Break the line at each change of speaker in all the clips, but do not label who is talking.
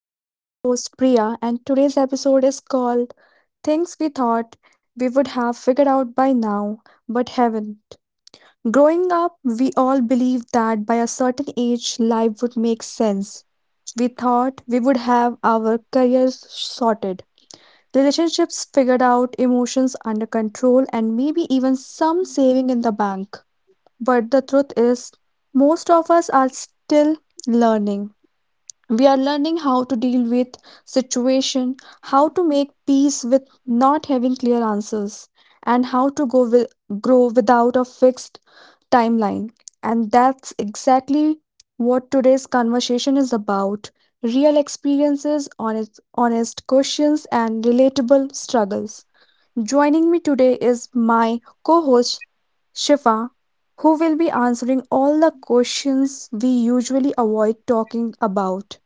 I am your host Priya, and today's episode is called Things We Thought We Would Have Figured Out by Now But Haven't. Growing up, we all believed that by a certain age, life would make sense. We thought we would have our careers sorted, relationships figured out, emotions under control, and maybe even some saving in the bank. But the truth is, most of us are still learning, we are learning how to deal with situation, how to make peace with not having clear answers, and how to grow without a fixed timeline. And that's exactly what today's conversation is about: real experiences, honest questions, and relatable struggles. Joining me today is my co-host Shifa, who will be answering all the questions we usually avoid talking about: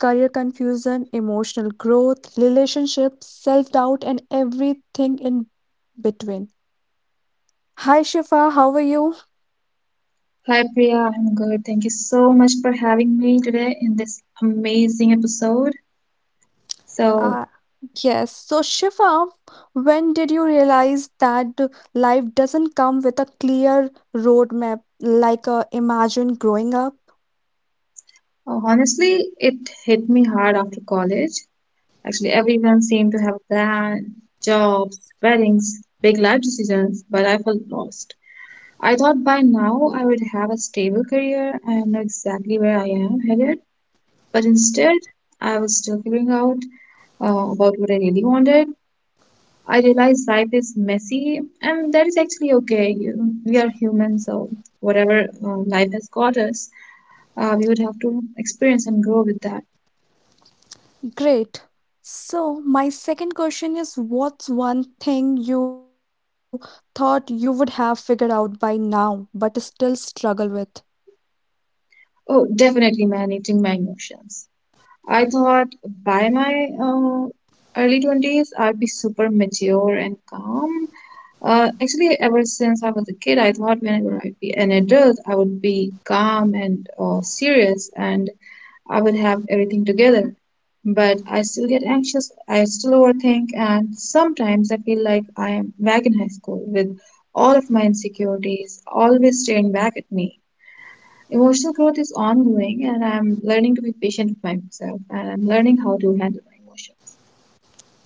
career confusion, emotional growth, relationships, self doubt, and everything in between. Hi, Shifa, how are you?
Hi Priya, I'm good. Thank you so much for having me today in this amazing episode. So,
Uh, yes, so Shifa, when did you realize that life doesn't come with a clear roadmap like imagined growing up?
honestly, it hit me hard after college. Actually, everyone seemed to have plans, jobs, weddings, big life decisions, but I felt lost. I thought by now I would have a stable career and know exactly where I am headed, but instead, I was still figuring out about what I really wanted. I realize life is messy, and that is actually okay. We are human, so whatever life has got us, we would have to experience and grow with that.
Great. So, my second question is, what's one thing you thought you would have figured out by now but still struggle with?
Oh, definitely managing my emotions. I thought by my uh, early 20s, I'd be super mature and calm. Actually, ever since I was a kid, I thought whenever I'd be an adult, I would be calm and serious, and I would have everything together. But I still get anxious, I still overthink, and sometimes I feel like I am back in high school with all of my insecurities always staring back at me. Emotional growth is ongoing, and I'm learning to be patient with myself, and I'm learning how to handle my emotions.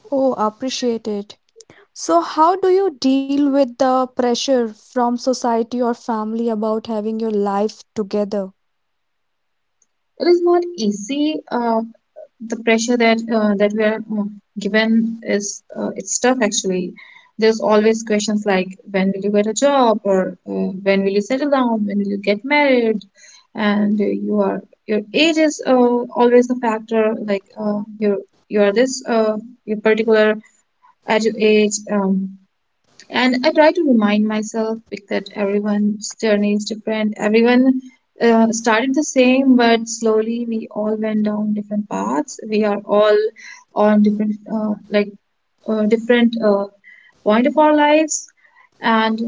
Oh, appreciate it. So, how do you deal with the pressure from society or family about having your life together?
It is not easy, the pressure that we are given is it's tough actually. There's always questions like when will you get a job, or when will you settle down, when will you get married, and your age is always a factor. Like you you are this your particular age. And I try to remind myself that everyone's journey is different. Everyone started the same, but slowly we all went down different paths. We are all on different, different point of our lives, and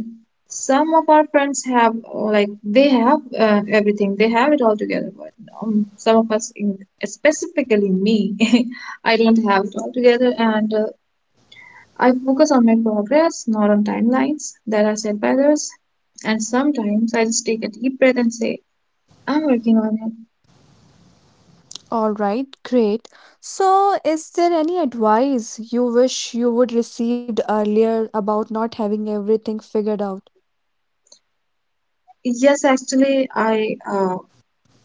some of our friends have like they have everything. They have it all together. But some of us, in, specifically me, I don't have it all together, and I focus on my progress, not on timelines that are set by others. And sometimes I just take a deep breath and say, I'm working on it.
All right, great. So, is there any advice you wish you would received earlier about not having everything figured out?
Yes, actually, I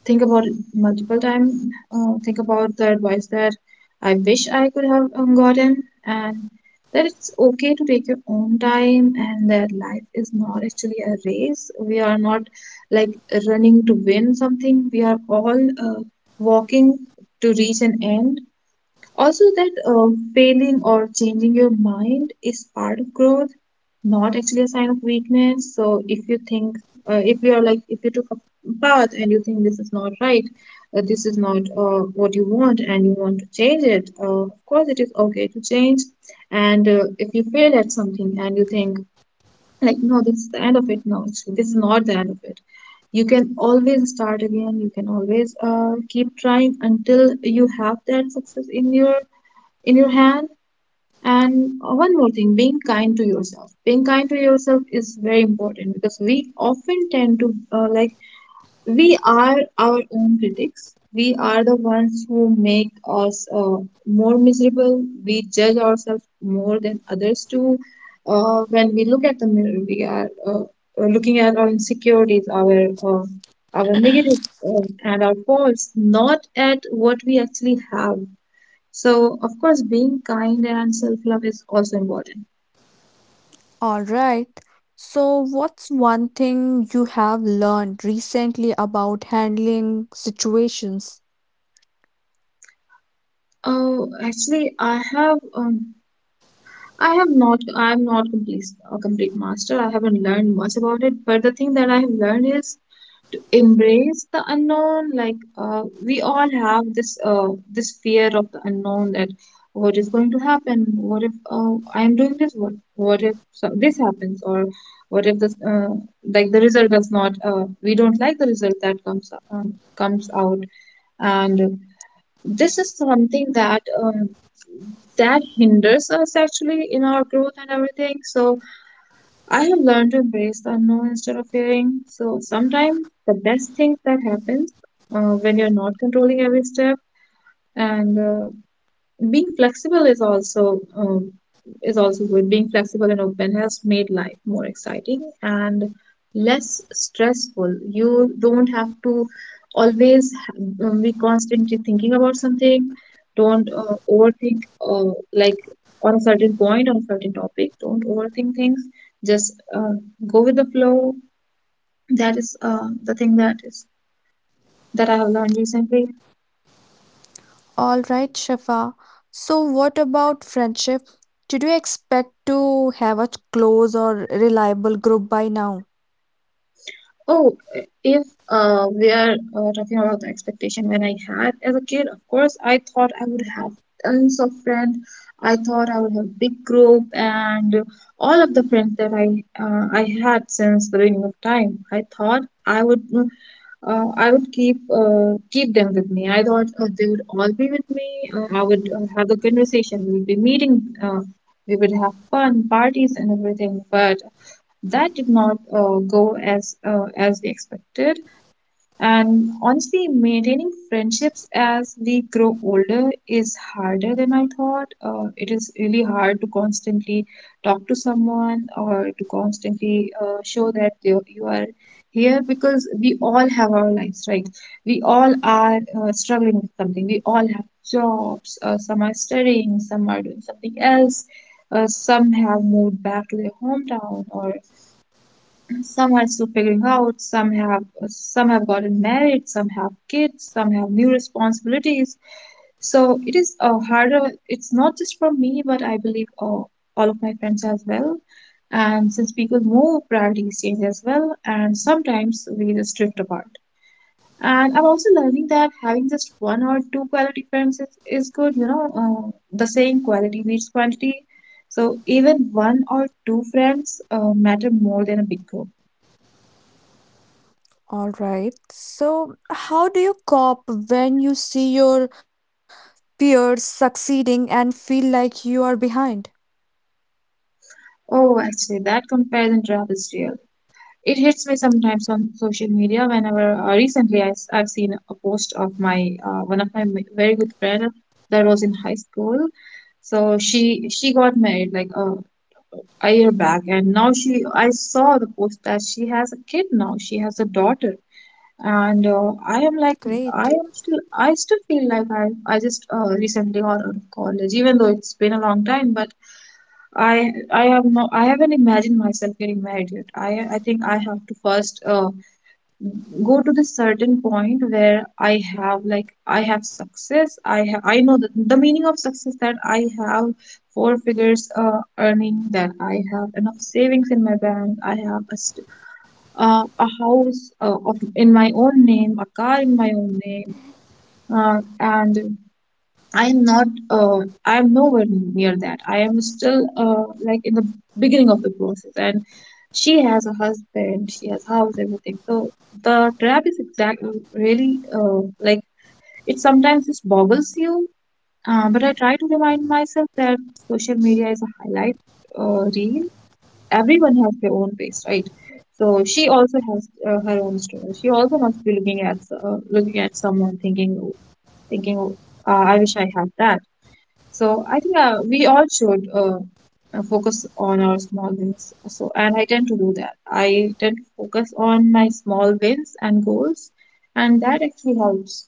think about it multiple times, think about the advice that I wish I could have gotten, and that it's okay to take your own time, and that life is not actually a race. We are not like running to win something, we are all walking to reach an end. Also that failing or changing your mind is part of growth, not actually a sign of weakness. So if you think if you are, like, if you took a path and you think this is not right, this is not what you want and you want to change it, of course it is okay to change. And if you fail at something and you think, like, no, this is the end of it, no, actually, this is not the end of it. You can always start again, you can always keep trying until you have that success in your, in your hand. And one more thing, being kind to yourself. Being kind to yourself is very important because we often tend to we are our own critics. We are the ones who make us more miserable. We judge ourselves more than others do. When we look at the mirror, we are looking at our insecurities, our negative, and our faults, not at what we actually have. So, of course, being kind and self-love is also important.
All right. So, what's one thing you have learned recently about handling situations?
Oh, actually, I have not, I am not complete, a complete master. I haven't learned much about it, but the thing that I have learned is to embrace the unknown. Like, we all have this, this fear of the unknown, that what is going to happen? What if, I am doing this? What if so, this happens? Or what if this, the result does not, we don't like the result that comes, comes out. And this is something that that hinders us actually in our growth and everything. So I have learned to embrace the unknown instead of fearing. So sometimes the best thing that happens when you're not controlling every step. And being flexible is also good. Being flexible and open has made life more exciting and less stressful. You don't have to always be constantly thinking about something. Don't overthink, uh, like on a certain point, on a certain topic. Don't overthink things. Just go with the flow. That is the thing, that is that I have learned recently.
All right, Shafa. So, what about friendship? Did you expect to have a close or reliable group by now?
Oh, if we are talking about the expectation when I had as a kid, of course, I thought I would have tons of friends. I thought I would have big group, and all of the friends that I had since the beginning of time, I thought I would keep them with me. I thought they would all be with me. I would have the conversation. We would be meeting. We would have fun parties and everything. But that did not go as as we expected. And honestly, maintaining friendships as we grow older is harder than I thought. It is really hard to constantly talk to someone or to constantly show that you are here, because we all have our lives, right? We all are struggling with something. We all have jobs, some are studying, some are doing something else, some have moved back to their hometown, or some are still figuring out, some have gotten married, some have kids, some have new responsibilities. So it is a harder. It's not just for me, but I believe all of my friends as well. And since people move, priorities change as well, and sometimes we just drift apart. And I'm also learning that having just one or two quality friends is good, you know, the saying quality beats quantity. So even one or two friends matter more than a big group.
All right. So, how do you cope when you see your peers succeeding and feel like you are behind?
Oh, actually, that comparison trap is real. It hits me sometimes on social media. Whenever recently I have seen a post of my one of my very good friend that was in high school. So she got married like a year back, and now she, I saw the post that she has a kid now. She has a daughter, and I am like, I
Great.
am still, I still feel like I just recently got out of college, even though it's been a long time. But I have no, I haven't imagined myself getting married yet. I think I have to first go to this certain point where I have, like, I have success. I know the meaning of success, that I have four figures earning, that I have enough savings in my bank. I have a st a house of in my own name, a car in my own name, and I am not, I am nowhere near that. I am still in the beginning of the process. And she has a husband, she has house, everything. So the trap is exactly really it sometimes just boggles you. But I try to remind myself that social media is a highlight reel. Everyone has their own pace, right? So she also has her own story. She also must be looking at someone, thinking, "Oh, I wish I had that." So I think we all should focus on our small wins. So, and I tend to do that. I tend to focus on my small wins and goals, and that actually helps.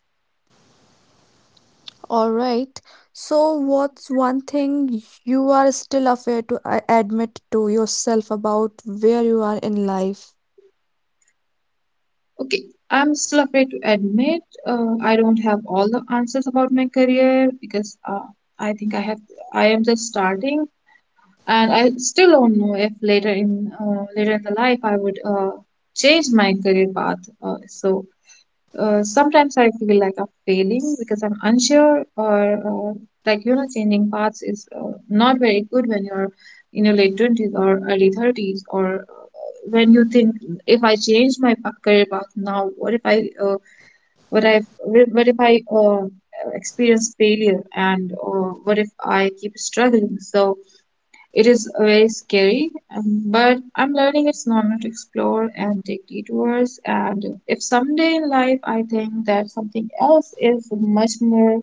All right. So, what's one thing you are still afraid to admit to yourself about where you are in life?
Okay, I'm still afraid to admit I don't have all the answers about my career, because I think I have, I am just starting, and I still don't know if later in later in the life I would change my career path. Sometimes I feel like I'm failing because I'm unsure, or you know, changing paths is not very good when you're in your late 20s or early 30s, or when you think, if I change my career path now, what if I what if I experience failure, and what if I keep struggling? So it is very scary, but I'm learning it's normal to explore and take detours. And if someday in life I think that something else is much more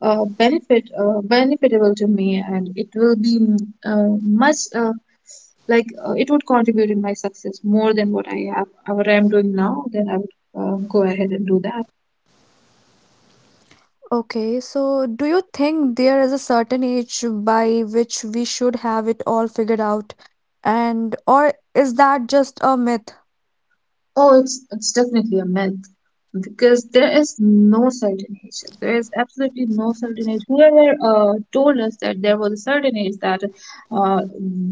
benefitable to me, and it will be much like it would contribute in my success more than what I am doing now, then I would go ahead and do that.
Okay, so do you think there is a certain age by which we should have it all figured out? And or is that just a myth?
Oh, it's definitely a myth because there is no certain age. There is absolutely no certain age. Whoever told us that there was a certain age that uh,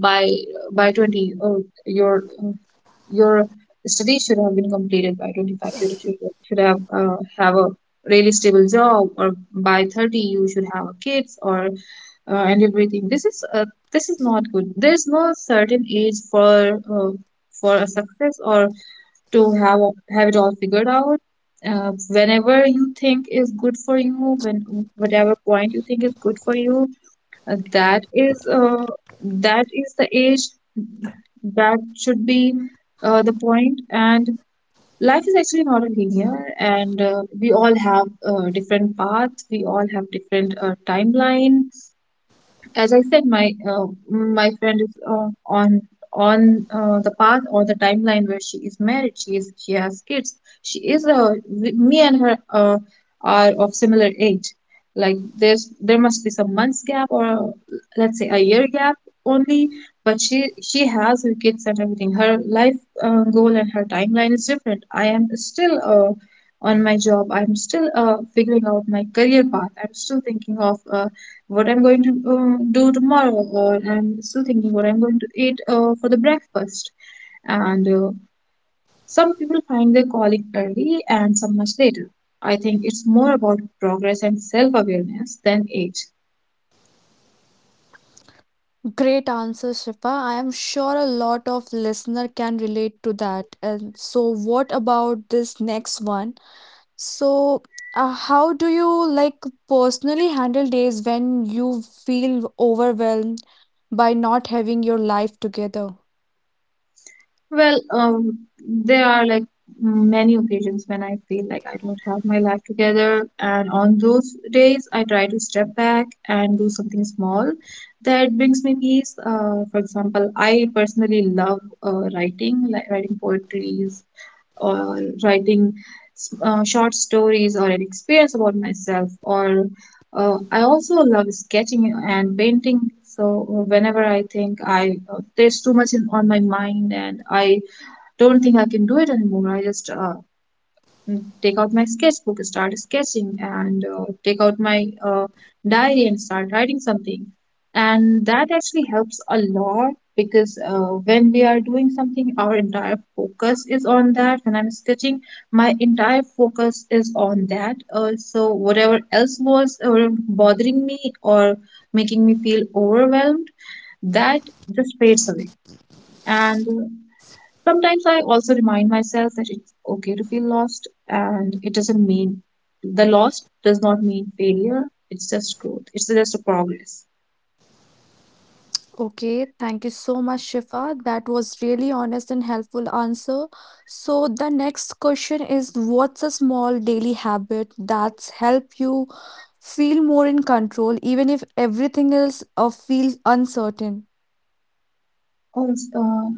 by by 20, your uh, your studies should have been completed by 25. You should have a really stable job, or by 30 you should have kids, or and everything. This is not good. There is no certain age for a success or to have it all figured out. Whenever you think is good for you, when whatever point you think is good for you, uh, that is uh, that is the age that should be the point. And life is actually not a linear, and we all have different paths. We all have different timeline. As I said, my friend is on the path or the timeline where she is married. She has kids. Me and her are of similar age. Like there must be some months gap, or let's say a year gap only. But she has her kids and everything. Her life goal and her timeline is different. I am still on my job. I'm still figuring out my career path. I'm still thinking of. What I'm going to do tomorrow, or I'm still thinking what I'm going to eat for the breakfast. And some people find their calling early and some much later. I think it's more about progress and self awareness than age.
Great answer, Shifa. I am sure a lot of listener can relate to that. And so what about this next one? So how do you like personally handle days when you feel overwhelmed by not having your life together?
Well, there are like many occasions when I feel like I don't have my life together, and on those days, I try to step back and do something small that brings me peace. For example, I personally love writing, like writing poetries or writing short stories or an experience about myself. Or I also love sketching and painting. So whenever I think I there's too much on my mind, and I don't think I can do it anymore. I just take out my sketchbook, start sketching, and take out my diary and start writing something. And that actually helps a lot because when we are doing something, our entire focus is on that. When I'm sketching, my entire focus is on that. So whatever else was bothering me or making me feel overwhelmed, that just fades away. And sometimes I also remind myself that it's okay to feel lost and it doesn't mean the loss does not mean failure. It's just growth. It's just a progress.
Okay, thank you so much, Shifa. That was really honest and helpful answer. So the next question is, what's a small daily habit that's help you feel more in control, even if everything else feels uncertain?
Oh, uh,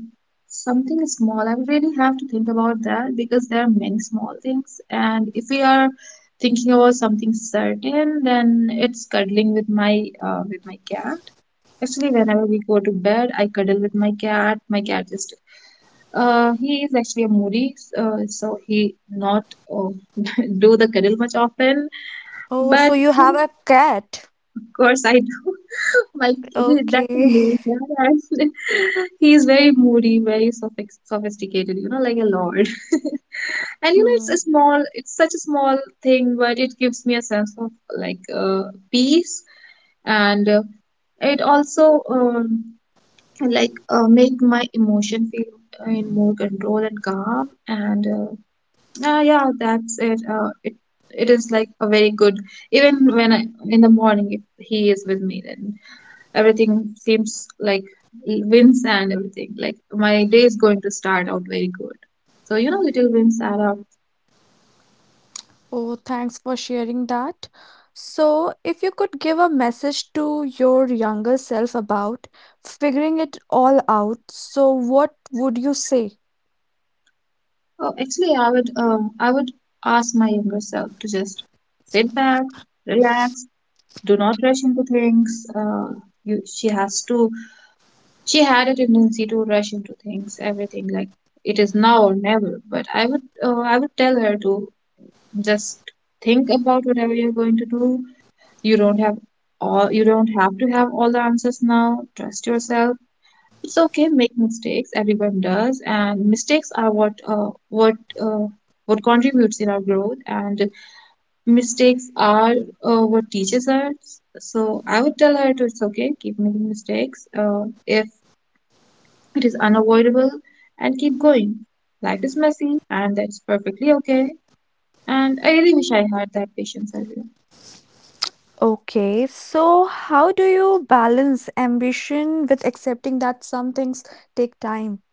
something small. I really have to think about that because there are many small things. And if we are thinking about something certain, then it's cuddling with my cat. Actually, whenever we go to bed, I cuddle with my cat. My cat is he is actually a moody, so he not uh, do the cuddle much often.
Oh, so
But
you have
of
a cat.
course, I do.
Okay.
That's me. Yeah, he is very moody, very sophisticated. You know, like a lord. It's
Hmm.
a small. It's such a small thing, but it gives me a sense of like peace and. It also make my emotion feel in more control and calm and yeah, that's it it is like a very good. Even when in the morning, if he is with me, then everything seems like wins and everything, like my day is going to start out very good. So little wins add up.
Oh, thanks for sharing that. So, if you could give a message to your younger self about figuring it all out, so what would you say?
Oh, actually I would ask my younger self to just sit back, relax, do not rush into things. You she has to She had a tendency to rush into things, everything like it is now or never. But I would tell her to just think about whatever you're going to do. You don't have you don't have to have all the answers now. Trust yourself. It's okay. Make mistakes. Everyone does, and mistakes are uh, what contributes in our growth. And mistakes are what teaches us. So I would tell her to it's okay. Keep making mistakes. If it is unavoidable, and keep going. Life is messy, and that's perfectly okay. And I really wish I had that patience earlier.
Okay, so how do you balance ambition with accepting that some things take time?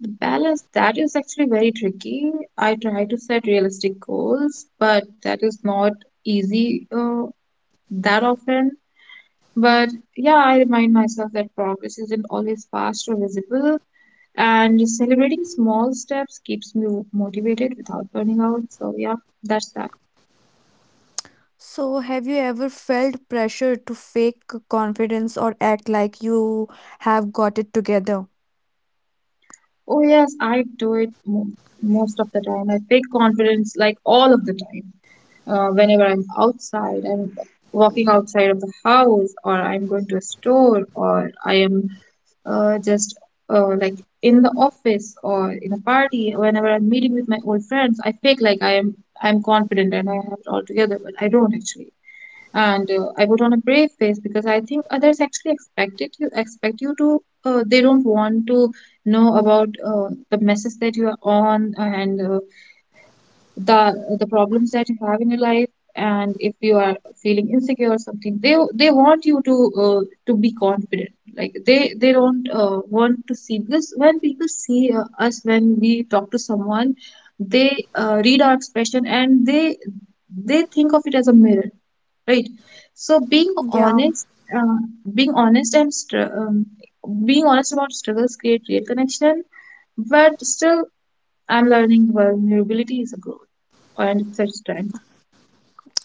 The balance, that is actually very tricky. I try to set realistic goals, but that is not easy that often. But yeah, I remind myself that progress isn't always fast or visible, and celebrating small steps keeps me motivated without burning out. So yeah, that's that.
So, have you ever felt pressure to fake confidence or act like you have got it together?
Oh, yes, I do it mo most of the time. I fake confidence like all of the time. Whenever I'm outside, I'm walking outside of the house, or I'm going to a store, or I am just like in the office or in a party. Whenever I'm meeting with my old friends, I fake like I'm confident and I have it all together, but I don't actually. And I put on a brave face because I think others actually expect it you expect you to. They don't want to know about the messes that you are on, and the problems that you have in your life. And if you are feeling insecure or something, they want you to be confident. Like they don't want to see, because when people see us, when we talk to someone, they read our expression and they think of it as a mirror, right? So
Yeah.
honest uh, being honest and str- um, being honest about struggles create real connection. But still, I'm learning vulnerability is a growth and such time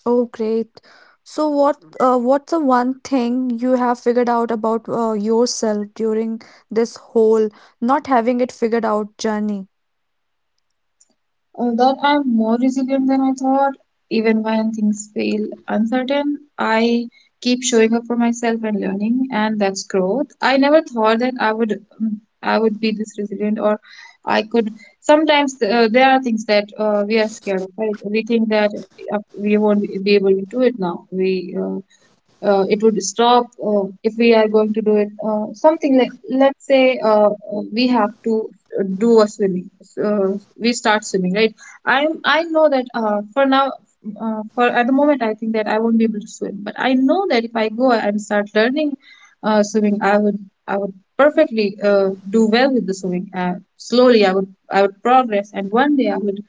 Oh, great. So, what's the one thing you have figured out about yourself during this whole not having it figured out journey?
that I'm more resilient than I thought. Even when things feel uncertain, I keep showing up for myself and learning, and that's growth. I never thought that I would be this resilient, or I could. Sometimes there are things that we are scared of. Right? We think that we won't be able to do it now. We It would stop if we are going to do it. Something like, let's say we have to do a swimming, uh, we start swimming, right? I know that for at the moment I think that I won't be able to swim, but I know that if I go and start learning swimming, I would perfectly do well with the swimming. Slowly I would progress, and one day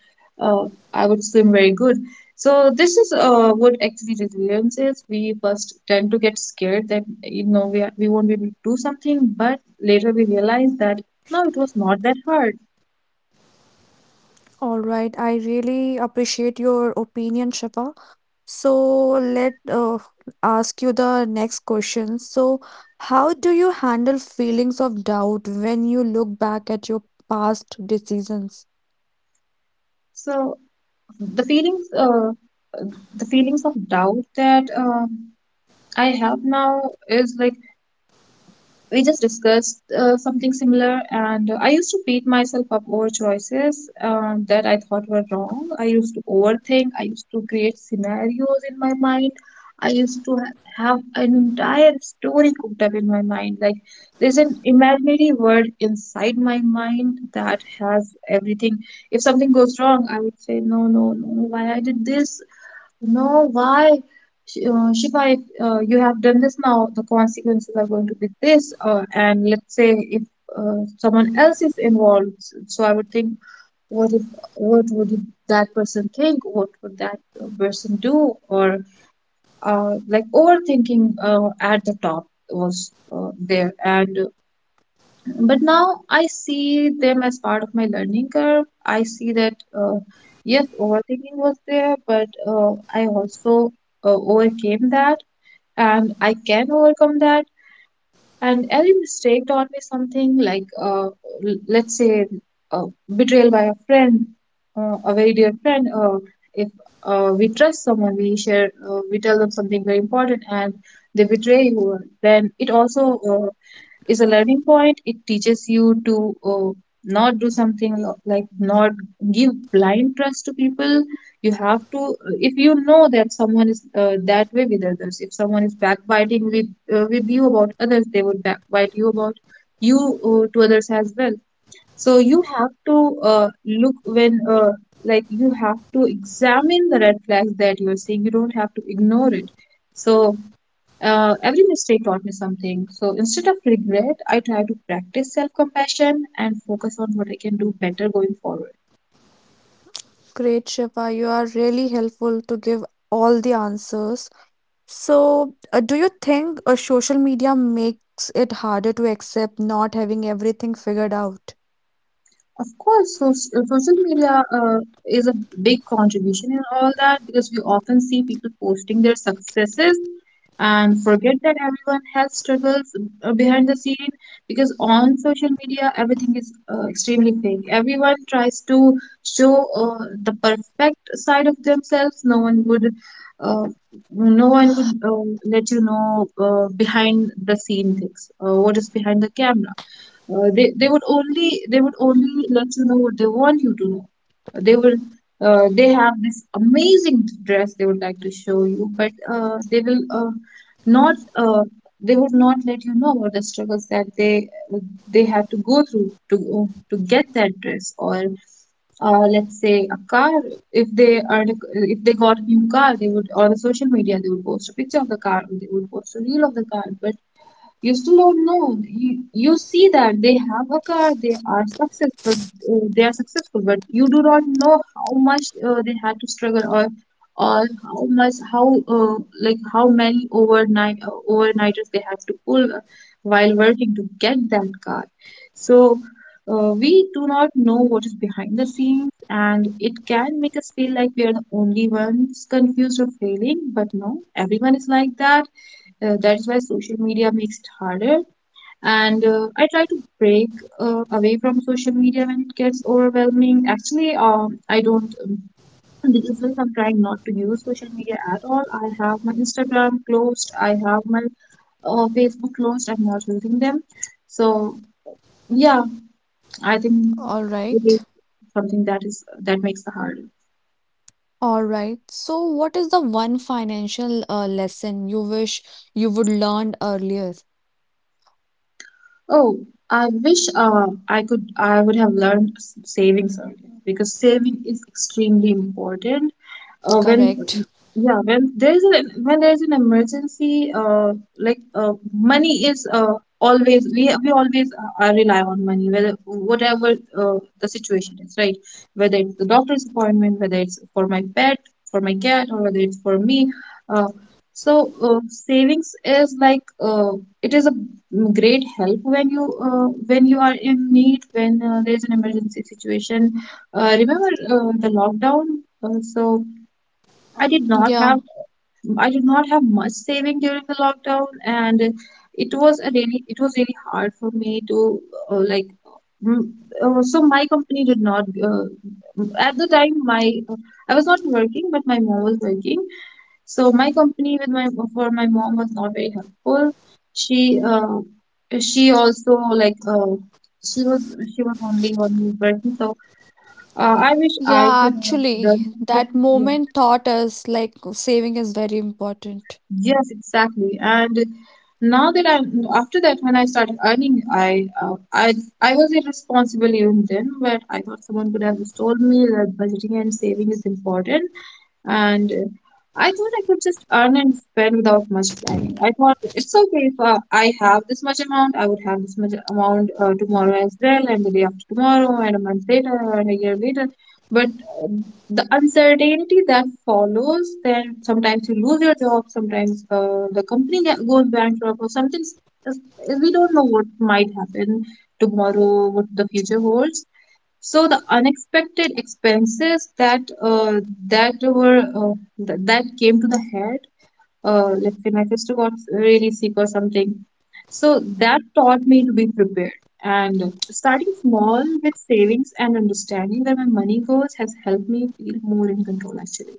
uh, I would swim very good. So this is what actually resilience is. We first tend to get scared that we won't be able to do something, but later we realize that no, it was not that hard.
All right, I really appreciate your opinion, Shifa. So let ask you the next question. So how do you handle feelings of doubt when you look back at your past decisions?
So the feelings, uh, the feelings of doubt that I have now is like we just discussed something similar. And I used to beat myself up over choices that I thought were wrong. I used to overthink. I used to create scenarios in my mind. I used to have an entire story cooked up in my mind, like there's an imaginary world inside my mind that has everything. If something goes wrong, I would say, "No, no, no, no, why I did this? No, why? Shifa, if you have done this now, the consequences are going to be this." And let's say if someone else is involved, so I would think, what if, what would it- that person think? What would that person do? Or like, overthinking at the top was there. And But now I see them as part of my learning curve. I see that, yes, overthinking was there, but I also overcame that, and I can overcome that. And every mistake taught me something, like, let's say, uh, betrayal by a friend, a very dear friend. If we trust someone, we share, we tell them something very important, and they betray you, then it also is a learning point. It teaches you to not do something, like, not give blind trust to people. You have to, if you know that someone is that way with others, if someone is backbiting with you about others, they would backbite you about you to others as well. So you have to look when like you have to examine the red flags that you are seeing. You don't have to ignore it. So every mistake taught me something. So instead of regret, I try to practice self compassion and focus on what I can do better going forward.
Great, Shifa, you are really helpful to give all the answers. So do you think social media makes it harder to accept not having everything figured out?
Of course, so social media is a big contribution in all that because we often see people posting their successes and forget that everyone has struggles behind the scene because on social media everything is extremely fake. Everyone tries to show the perfect side of themselves. Uh, no one would let you know behind the scene things, what is behind the camera they would only let you know what they want you to know. They will they have this amazing dress they would like to show you, but not uh, they would not let you know about the struggles that they had to go through to get that dress, or let's say a car. If they are, if they got a new car, they would, on the social media, they would post a picture of the car, or they would post a reel of the car, but you still don't know. You see that they have a car, they are successful, they are successful, but you do not know how much they had to struggle, or how much how like how many overnight overnighters they had to pull while working to get that car. So we do not know what is behind the scenes, and it can make us feel like we are the only ones confused or failing. But no, everyone is like that, that's why social media makes it harder. And I try to break away from social media when it gets overwhelming. Actually, I don't. These days I'm trying not to use social media at all. I have my Instagram closed. I have my Facebook closed. I'm not using them. So yeah, I think
All
it is
right.
something that is that makes the harder.
All right. So what is the one financial lesson you wish you would learn earlier?
Oh, I wish I would have learned savings earlier, because saving is extremely important when
Correct.
yeah, when there is an, when there is an emergency, like uh, money is always, we always rely on money, whether whatever the situation is, right? Whether it's the doctor's appointment, whether it's for my pet, for my cat, or whether it's for me, uh, so savings is like uh, it is a great help when you are in need, when there is an emergency situation. Remember the lockdown? So I did not
Yeah,
have, I did not have much saving during the lockdown, and it was a really, it was really hard for me to uh, like. mm, so my company did not at the time, my, I was not working, but my mom was working. So my company with my for my mom was not very helpful. She uh, she also like she was, she was only one who working. So I wish I
yeah,
could have
actually,
done something.
that
Yeah.
moment taught us like saving is very important.
Yes, exactly. And now that I, after that, when I started earning, I was irresponsible even then, but I thought someone could have just told me that budgeting and saving is important, and I thought I could just earn and spend without much planning. I thought it's okay, if I have this much amount, I would have this much amount tomorrow as well, and the day after tomorrow, and a month later, and a year later. But uh, the uncertainty that follows, then sometimes you lose your job, sometimes the company goes bankrupt, or something. We don't know what might happen tomorrow, what the future holds. So the unexpected expenses that that were uh, that came to the head, like when I first got really sick or something. So that taught me to be prepared. And starting small with savings and understanding where my money goes has helped me feel more in control, actually.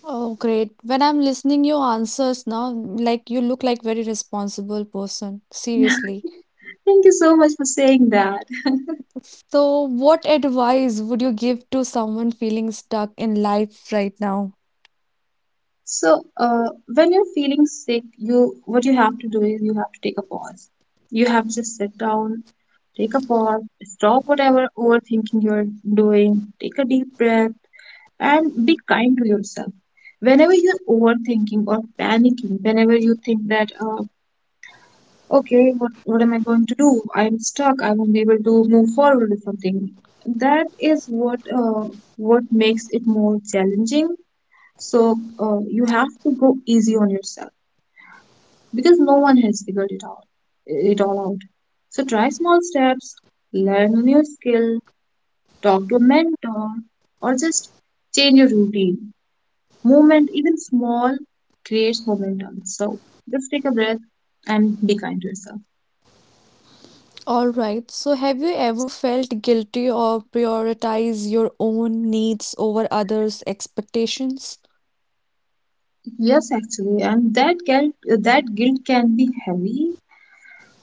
Oh, great. When I'm listening your answers now, like you look like very responsible person, seriously.
Thank you so much for saying that.
So, what advice would you give to someone feeling stuck in life right now?
So, when you're feeling sick, you what you have to do is you have to take a pause. You have to just sit down, take a pause, stop whatever overthinking you're doing, take a deep breath, and be kind to yourself. Whenever you're overthinking or panicking, whenever you think that, okay, what am I going to do? I'm stuck. I won't be able to move forward with something. That is what makes it more challenging, so you have to go easy on yourself, because no one has figured it out. It all out. So try small steps, learn a new skill, talk to a mentor, or just change your routine. Movement, even small, creates momentum. So just take a breath and be kind to yourself.
All right. So, have you ever felt guilty or prioritize your own needs over others' expectations?
Yes, actually, and that guilt, that guilt can be heavy.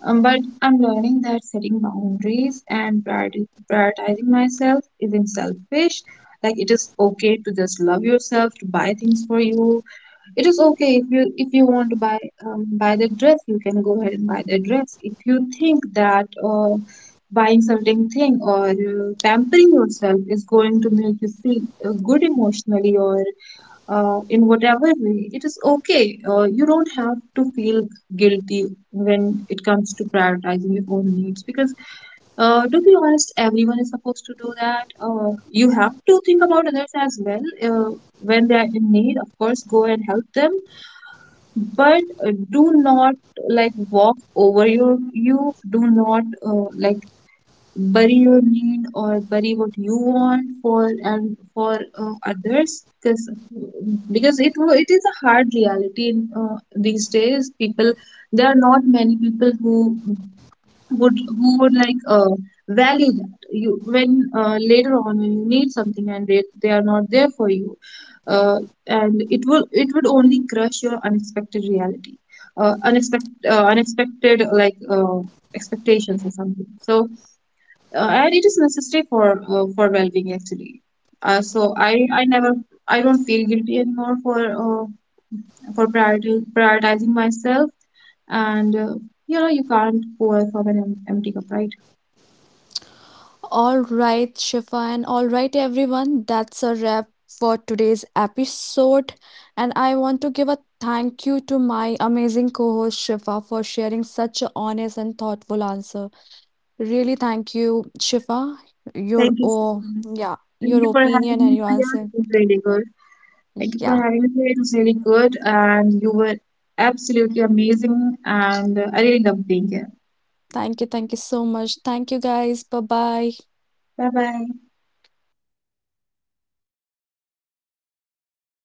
But I'm learning that setting boundaries and prioritizing myself isn't selfish. Like, it is okay to just love yourself, to buy things for you. It is okay if you, if you want to buy buy the dress, you can go ahead and buy the dress. If you think that buying certain thing or pampering yourself is going to make you feel good emotionally or in whatever way, it is okay. You don't have to feel guilty when it comes to prioritizing your own needs, because, to be honest, everyone is supposed to do that. You have to think about others as well. When they are in need, of course, go and help them, but do not like walk over your you. Do not like bury your need or bury what you want for and for others, because it is a hard reality in these days, people, there are not many people who would, value that you, when later on when you need something and they are not there for you, uh, and it will, it would only crush your unexpected reality, unexpected unexpected like expectations or something. So and it is necessary for well-being, actually. So I never, I don't feel guilty anymore for prioritizing myself, and you know, you can't pour from an empty cup, right?
All right, Shifa, and all right, everyone. That's a wrap for today's episode. And I want to give a thank you to my amazing co host, Shifa, for sharing such an honest and thoughtful answer. Really, thank you, Shifa. Your,
Thank you so
oh,
much.
yeah,
Thank
your
you for having
opinion and
me,
your
Priya. It
answer.
was really good. Thank you for
Yeah,
having me. Priya. It was really good, and you were absolutely amazing, and I really love being here.
thank you. Thank you so much. Thank you, guys. Bye bye.
Bye bye.